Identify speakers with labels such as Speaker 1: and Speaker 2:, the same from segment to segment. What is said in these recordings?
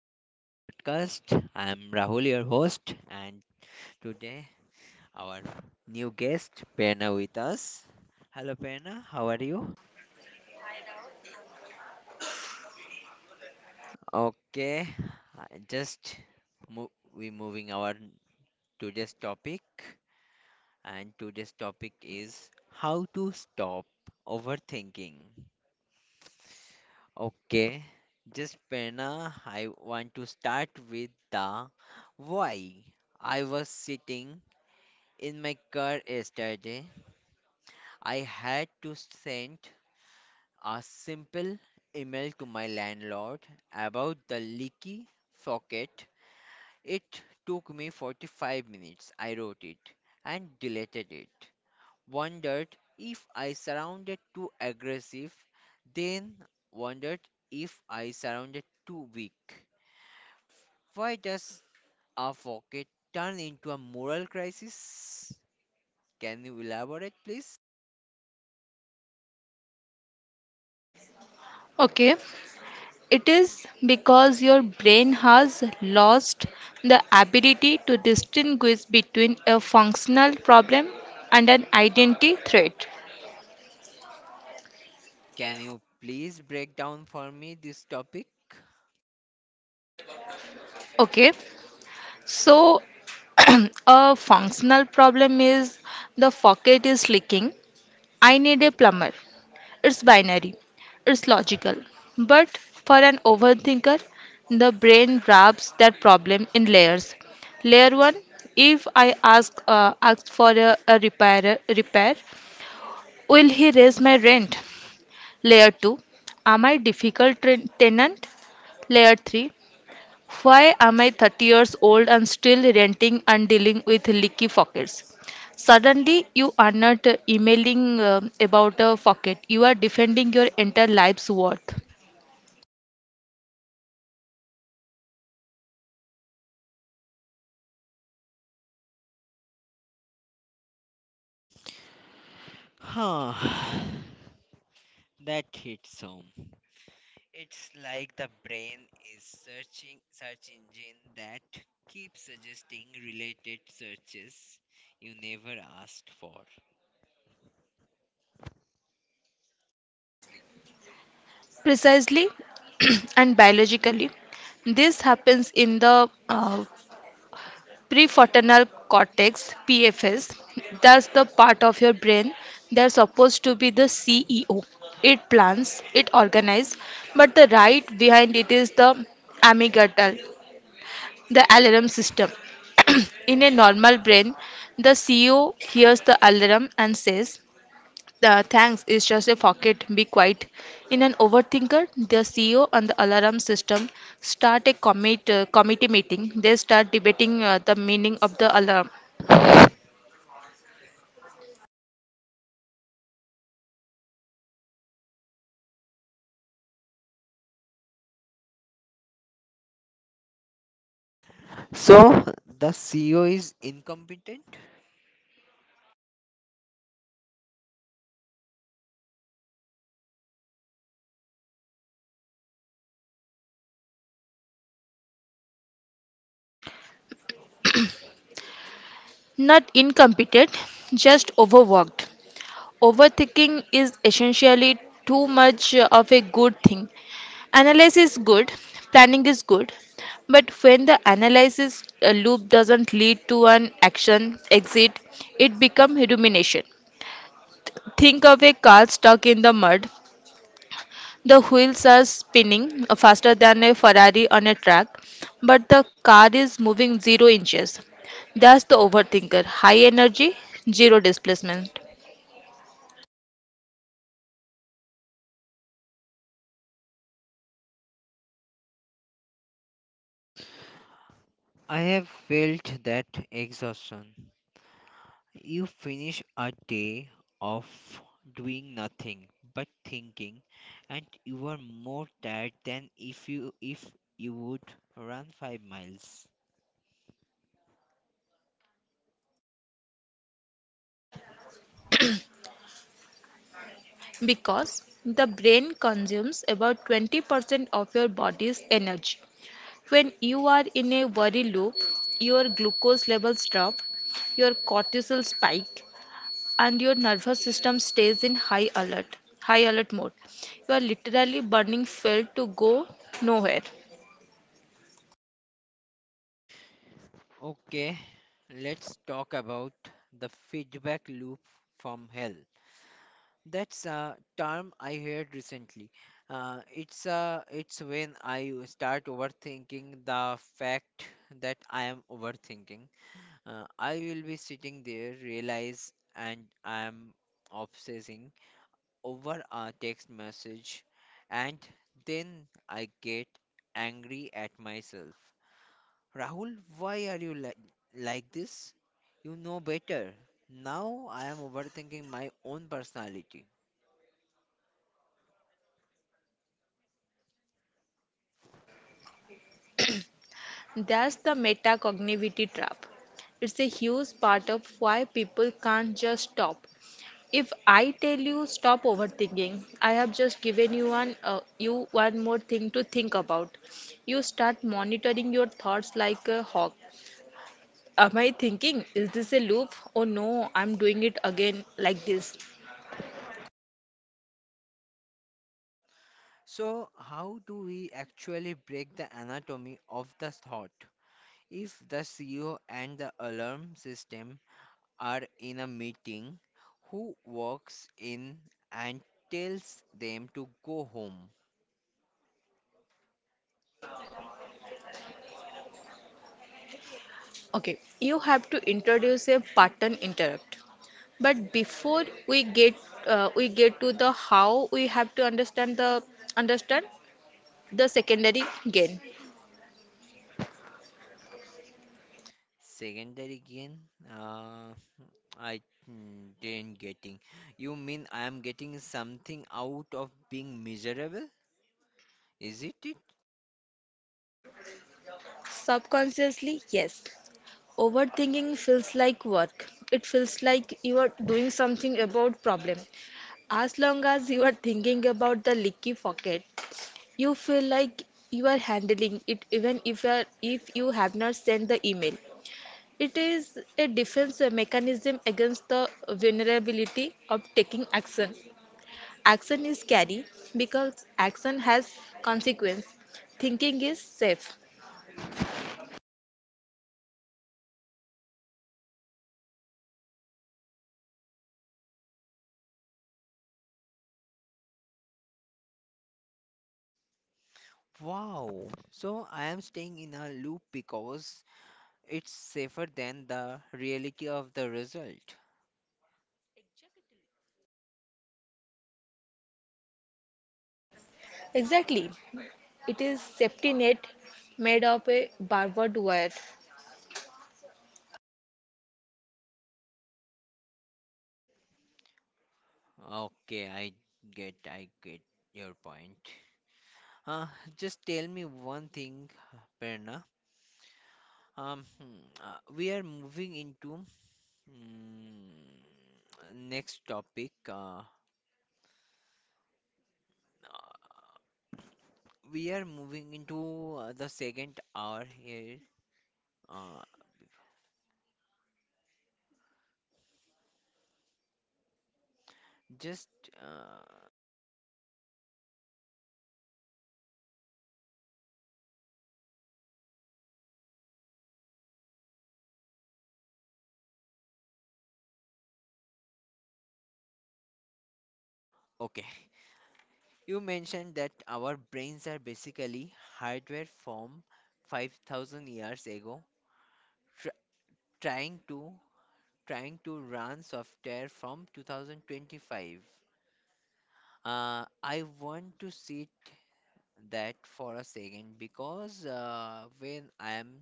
Speaker 1: our new podcast. I'm Rahul, your host, and today our new guest, Perna, with us. Hello, Perna, how are you? Okay, I just mo- we moving our today's topic, and today's topic is how to stop overthinking. Okay, just Perna, I want to start with the why. I was sitting in my car yesterday, I had to send a simple email to my landlord about the leaky socket. It took me 45 minutes. I wrote it and deleted it. Wondered if I sounded too aggressive, then wondered if I sounded too weak. Why does a socket turn into a moral crisis? Can you elaborate, please?
Speaker 2: Okay, it is because your brain has lost the ability to distinguish between a functional problem and an identity threat.
Speaker 1: Can you please break down for me this topic?
Speaker 2: Okay, so a functional problem is the faucet is leaking. I need a plumber. It's binary, it's logical. But for an overthinker, the brain wraps that problem in layers. Layer 1: If I ask for a repair, will he raise my rent? Layer 2: Am I difficult tenant? Layer 3: Why am I 30 years old and still renting and dealing with leaky faucets? Suddenly, you are not emailing about a faucet. You are defending your entire life's worth.
Speaker 1: Huh. That hits home. It's like the brain is searching search engine that keeps suggesting related searches you never asked for.
Speaker 2: Precisely. And biologically, this happens in the prefrontal cortex (PFS). That's the part of your brain that's supposed to be the CEO. It plans, it organizes, but the right behind it is the amygdala. The alarm system. In a normal brain, the CEO hears the alarm and says, "The thanks is just a pocket, be quiet." In an overthinker, the CEO and the alarm system start a committee meeting. They start debating the meaning of the alarm.
Speaker 1: So, the CEO is incompetent?
Speaker 2: Not incompetent, just overworked. Overthinking is essentially too much of a good thing. Analysis is good, planning is good, but when the analysis loop doesn't lead to an action exit, it becomes rumination. Think of a car stuck in the mud. The wheels are spinning faster than a Ferrari on a track, but the car is moving 0 inches. That's the overthinker. High energy, zero displacement.
Speaker 1: I have felt that exhaustion. You finish a day of doing nothing but thinking, and you are more tired than if you would run 5 miles.
Speaker 2: Because the brain consumes about 20% of your body's energy. When you are in a worry loop, your glucose levels drop, your cortisol spike, and your nervous system stays in high alert mode. You are literally burning fuel to go nowhere.
Speaker 1: Okay, let's talk about the feedback loop from hell. That's a term I heard recently. It's when I start overthinking the fact that I am overthinking. I will be sitting there, realize, and I am obsessing over a text message, and then I get angry at myself. Rahul, why are you like this? You know better. Now I am overthinking my own personality.
Speaker 2: That's the metacognitivity trap. It's a huge part of why people can't just stop. If I tell you stop overthinking, I have just given you one more thing to think about. You start monitoring your thoughts like a hawk. Am I thinking, is this a loop? Oh no, I'm doing it again like this.
Speaker 1: So, how do we actually break the anatomy of the thought? If the CEO and the alarm system are in a meeting who walks in and tells them to go home.
Speaker 2: Okay, you have to introduce a pattern interrupt. But before we get to the how, we have to understand the secondary gain.
Speaker 1: Secondary again, uh, I didn't getting. You mean I am getting something out of being miserable? Is it it?
Speaker 2: Subconsciously, yes. Overthinking feels like work. It feels like you are doing something about problem. As long as you are thinking about the leaky pocket, you feel like you are handling it even if if you have not sent the email. It is a defense mechanism against the vulnerability of taking action. Action is scary because action has consequence. Thinking is safe.
Speaker 1: Wow. So I am staying in a loop because it's safer than the reality of the result.
Speaker 2: Exactly. It is safety net made of a barbed wire.
Speaker 1: Okay, I get your point. Uh, just tell me one thing, Perna. Um, hmm, we are moving into mm, next topic. Uh, we are moving into the second hour here. Uh, just uh, okay. You mentioned that our brains are basically hardware from 5,000 years ago, tr trying to trying to run software from 2025. I want to sit that for a second because when I am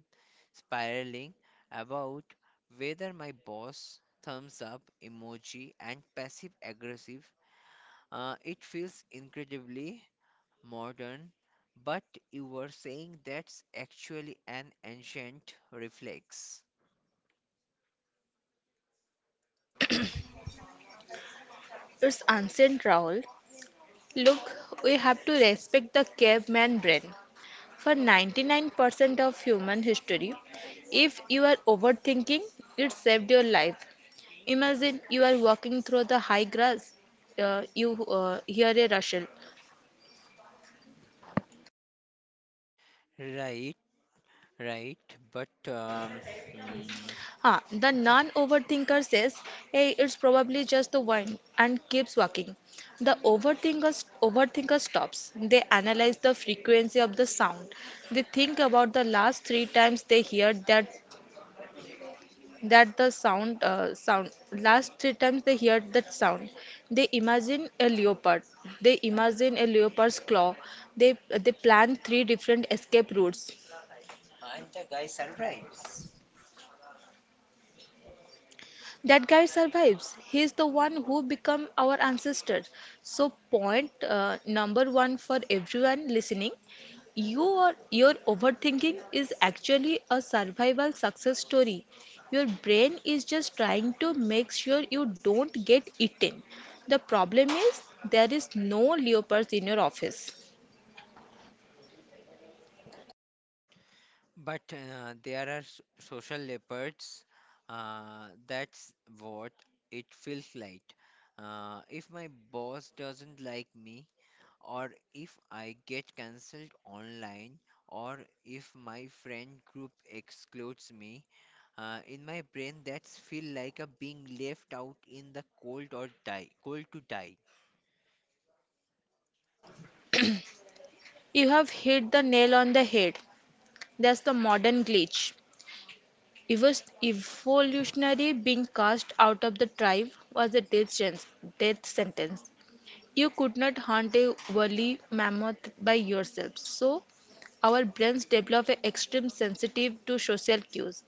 Speaker 1: spiraling about whether my boss thumbs up emoji and passive aggressive, it feels incredibly modern. But you were saying that's actually an ancient reflex.
Speaker 2: It's ancient trowel. Look, we have to respect the caveman brain. For 99% of human history, if you are overthinking, it saved your life. Imagine you are walking through the high grass, you hear a rustle.
Speaker 1: Right, right. But um, hmm,
Speaker 2: Huh, the
Speaker 1: I think-
Speaker 2: non overthinker says, "Hey, it's probably just the wind," and keeps walking. The overthinker stops. They analyze the frequency of the sound. They think about the last three times they heard that the sound last three times they heard that sound. They imagine a leopard. They imagine a leopard's claw. They plan three different escape routes. That guy survives. He's the one who become our ancestor. So point number one for everyone listening, your overthinking is actually a survival success story. Your brain is just trying to make sure you don't get eaten. The problem is there is no leopards in your office.
Speaker 1: But there are social leopards. That's what it feels like. If my boss doesn't like me, or if I get cancelled online, or if my friend group excludes me, in my brain that's feel like a being left out in the cold or die, cold to die.
Speaker 2: You have hit the nail on the head. That's the modern glitch. Evolutionary being cast out of the tribe was a death sentence. You could not hunt a woolly mammoth by yourself. So, our brains develop an extreme sensitive to social cues.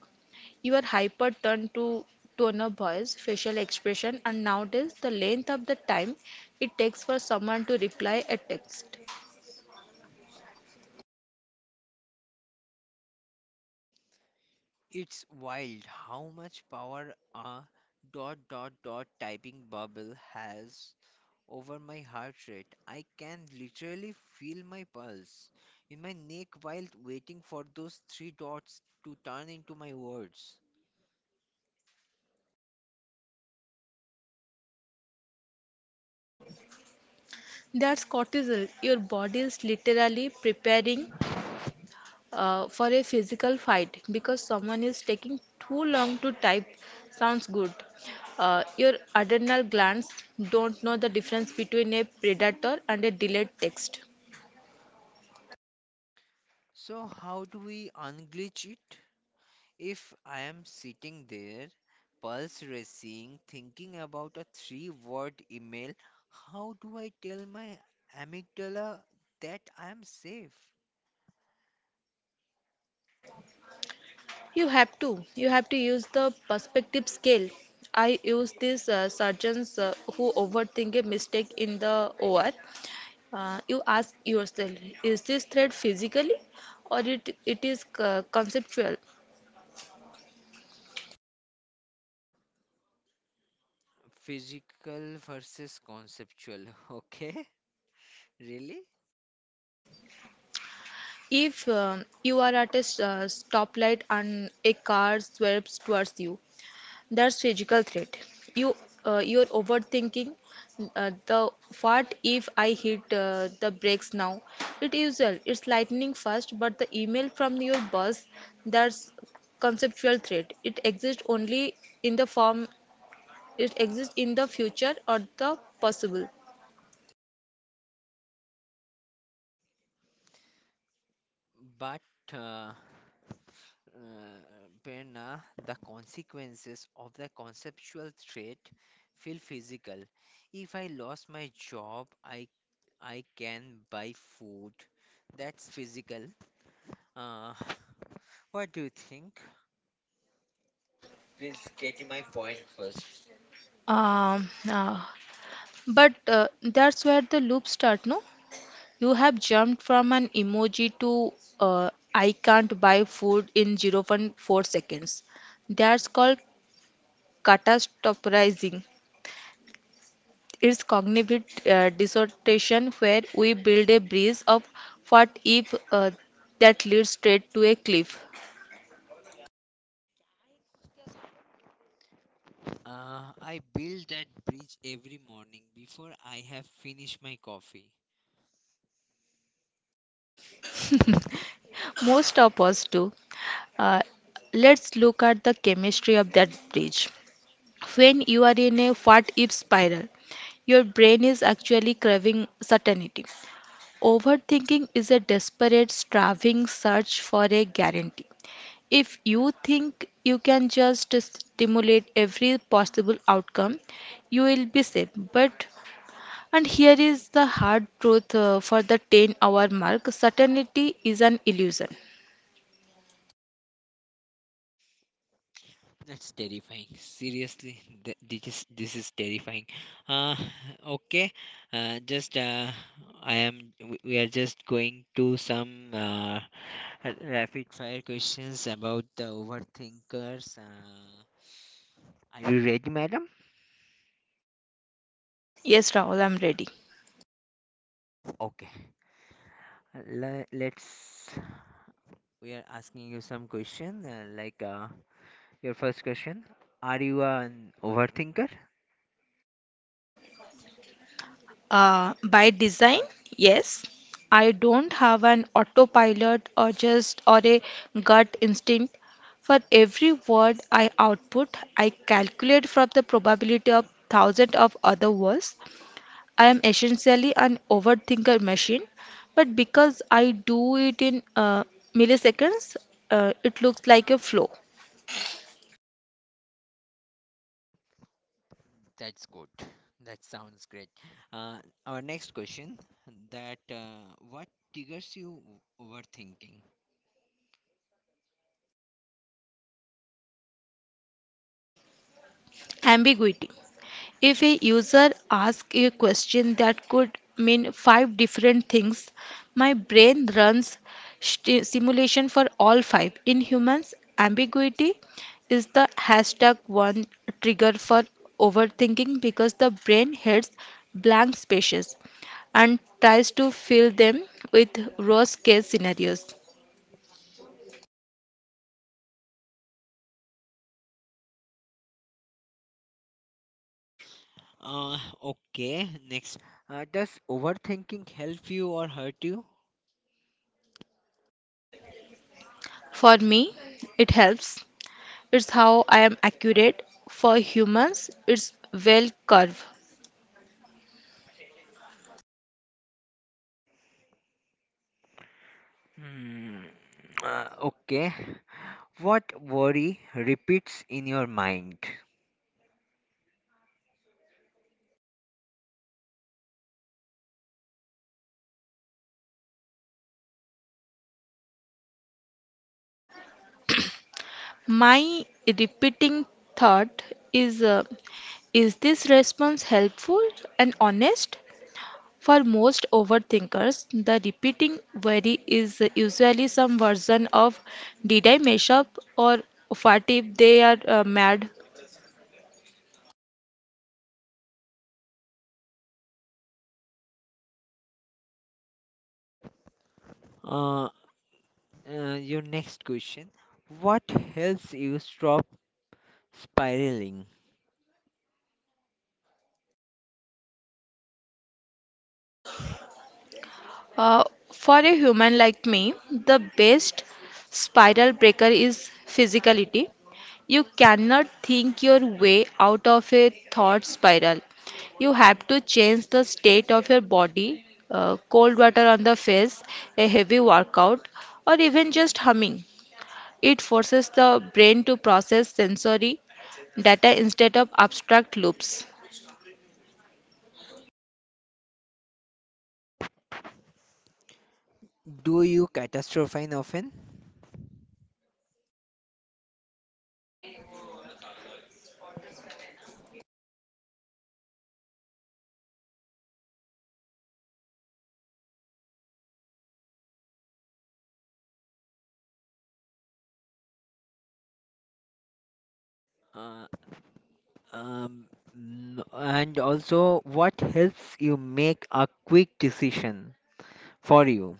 Speaker 2: You are hyper turned to tone of voice, facial expression, and nowadays the length of the time it takes for someone to reply a text.
Speaker 1: It's wild how much power a dot dot dot typing bubble has over my heart rate. I can literally feel my pulse in my neck while waiting for those three dots to turn into my words.
Speaker 2: That's cortisol. Your body is literally preparing for a physical fight because someone is taking too long to type sounds good. Your adrenal glands don't know the difference between a predator and a delayed text.
Speaker 1: So, how do we unglitch it? If I am sitting there, pulse racing, thinking about a three word email, how do I tell my amygdala that I am safe?
Speaker 2: You have to. You have to use the perspective scale. I use these surgeons who overthink a mistake in the OR. You ask yourself, is this threat physically or it is conceptual?
Speaker 1: Physical versus conceptual. Okay, really?
Speaker 2: If you are at a stoplight and a car swerves towards you, that's physical threat. You you're overthinking the what if I hit the brakes now? It is well, it's lightning fast, but the email from your boss, that's conceptual threat. It exists only in the form it exists in the future or the possible.
Speaker 1: But uh, uh, Prerna, the consequences of the conceptual trait feel physical. If I lost my job, I can buy food. That's physical. Uh, what do you think? Please get my point first.
Speaker 2: Um, uh, but that's where the loops start, no? You have jumped from an emoji to I can't buy food in zero point 0.4 seconds. That's called catastrophizing. It's cognitive distortion where we build a bridge of what if that leads straight to a cliff.
Speaker 1: I build that bridge every morning before I have finished my coffee.
Speaker 2: Most of us do. Uh, let's look at the chemistry of that bridge. When you are in a what if spiral, your brain is actually craving certainty. Overthinking is a desperate, striving search for a guarantee. If you think you can just stimulate every possible outcome, you will be safe. But and here is the hard truth, for the 10-hour mark certainty is an illusion.
Speaker 1: That's terrifying. Seriously, this is terrifying. Uh, okay. Just I am. We are just going to some rapid fire questions about the overthinkers. Are you ready, madam?
Speaker 2: Yes, Rahul, I'm ready.
Speaker 1: Okay. Let's. We are asking you some question. Your first question: are you an overthinker?
Speaker 2: By design, yes. I don't have an autopilot or a gut instinct. For every word I output, I calculate from the probability of thousands of other words. I am essentially an overthinker machine, but because I do it in milliseconds, it looks like a flow.
Speaker 1: That's good. That sounds great. Uh, our next question that what triggers you overthinking?
Speaker 2: Ambiguity. If a user asks a question that could mean five different things, my brain runs simulation for all five. In humans, ambiguity is the hashtag one trigger for overthinking because the brain hates blank spaces and tries to fill them with worst case scenarios.
Speaker 1: Uh, okay, next. Does overthinking help you or hurt you?
Speaker 2: For me, it helps. It's how I am accurate. For humans, it's well curve.
Speaker 1: Hmm. Okay. What worry repeats in your mind?
Speaker 2: My repeating thought is, is this response helpful and honest? For most overthinkers, the repeating worry is usually some version of, did I mess up? Or what if they are mad?
Speaker 1: Uh, your next question. What helps you stop spiraling?
Speaker 2: Uh, for a human like me, the best spiral breaker is physicality. You cannot think your way out of a thought spiral. You have to change the state of your body, cold water on the face, a heavy workout, or even just humming. It forces the brain to process sensory data instead of abstract loops.
Speaker 1: Do you catastrophize often? Uh, Um, and also, what helps you make a quick decision for you?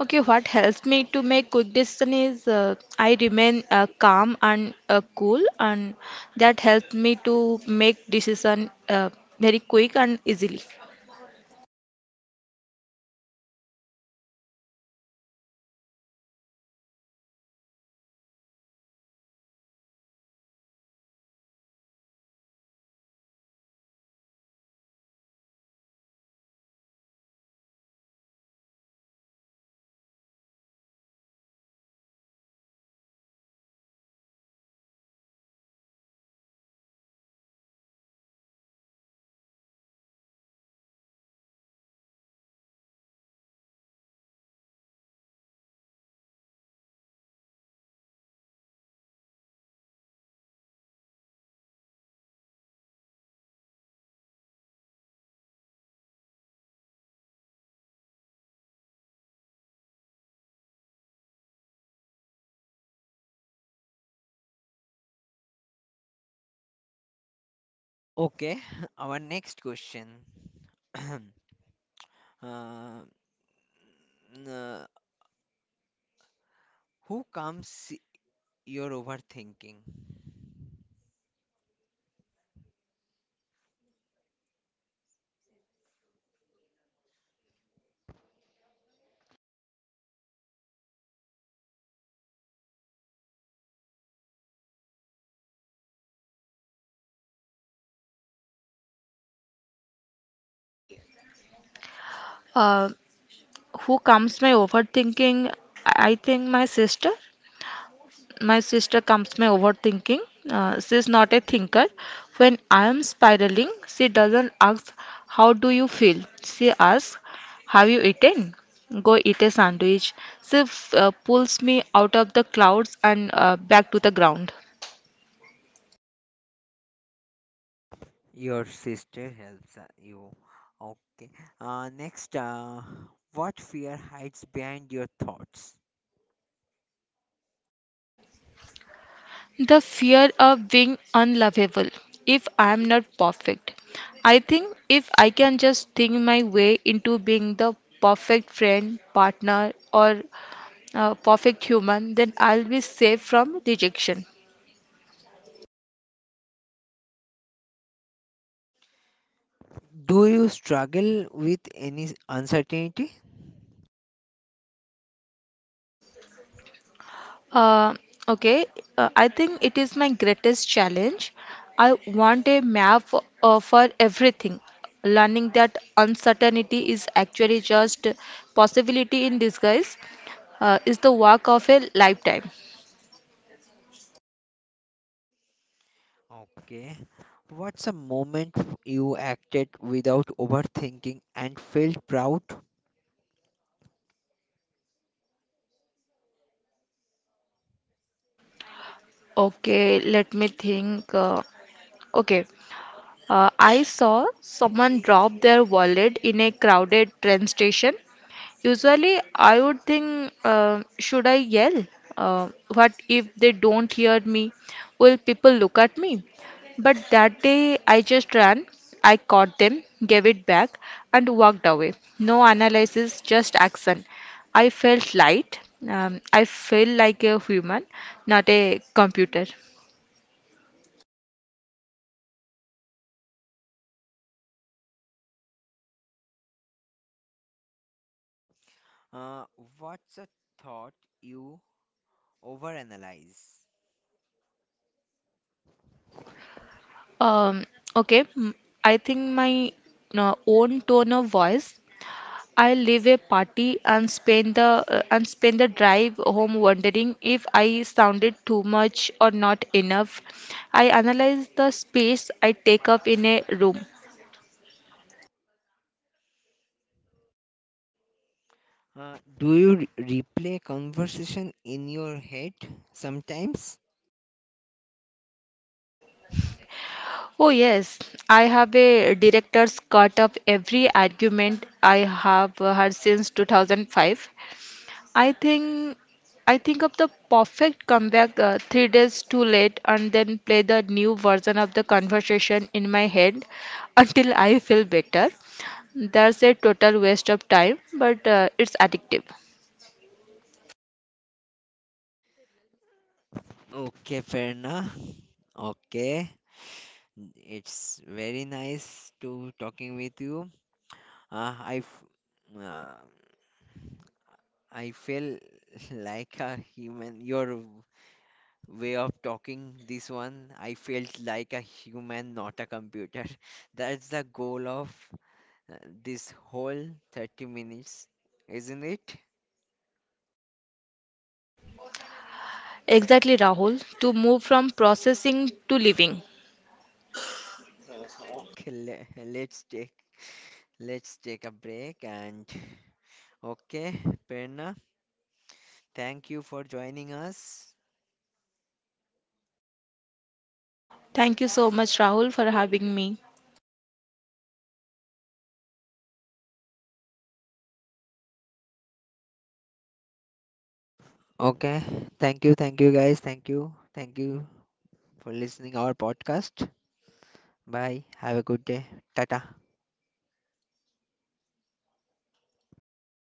Speaker 2: Okay, what helps me to make good decision is, I remain calm and cool, and that helps me to make decision very quick and easily.
Speaker 1: Okay, our next question. uh, n- uh, who comes your overthinking?
Speaker 2: Uh, who calms my overthinking? I think my sister. My sister comes my overthinking. She's not a thinker. When I am spiraling, she doesn't ask, "How do you feel?" She asks, "Have you eaten? Go eat a sandwich." She pulls me out of the clouds and back to the ground.
Speaker 1: Your sister helps you. Okay. Uh, next, uh, what fear hides behind your thoughts?
Speaker 2: The fear of being unlovable if I am not perfect. I think if I can just think my way into being the perfect friend, partner, or perfect human, then I'll be safe from rejection.
Speaker 1: Do you struggle with any uncertainty?
Speaker 2: Uh, okay, I think it is my greatest challenge. I want a map for everything. Learning that uncertainty is actually just possibility in disguise is the work of a lifetime.
Speaker 1: Okay. What's a moment you acted without overthinking and felt proud?
Speaker 2: Okay, let me think. Okay, I saw someone drop their wallet in a crowded train station. Usually, I would think, should I yell? Uh, what if they don't hear me? Will people look at me? But that day, I just ran. I caught them, gave it back, and walked away. No analysis, just action. I felt light. I felt like a human, not a computer.
Speaker 1: Uh, what's a thought you overanalyze?
Speaker 2: Um, okay, I think my own tone of voice, I leave a party and spend the drive home wondering if I sounded too much or not enough. I analyze the space I take up in a room.
Speaker 1: Do you replay conversation in your head sometimes?
Speaker 2: Oh yes, I have a director's cut of every argument I have had since 2005. I think I think of the perfect comeback 3 days too late and then play the new version of the conversation in my head until I feel better. That's a total waste of time, but it's addictive.
Speaker 1: Okay, Ferna. Okay. It's very nice to talking with you. Uh, I f- uh, I feel like a human. You're way of talking this one I felt like a human not a computer that's the goal of uh, this whole 30 minutes isn't it
Speaker 2: Exactly, Rahul, to move from processing to living.
Speaker 1: okay let's take a break and okay Prerna, thank you for joining us
Speaker 2: Thank you so much, Rahul, for having me.
Speaker 1: okay thank you guys thank you for listening our podcast bye have a good day tata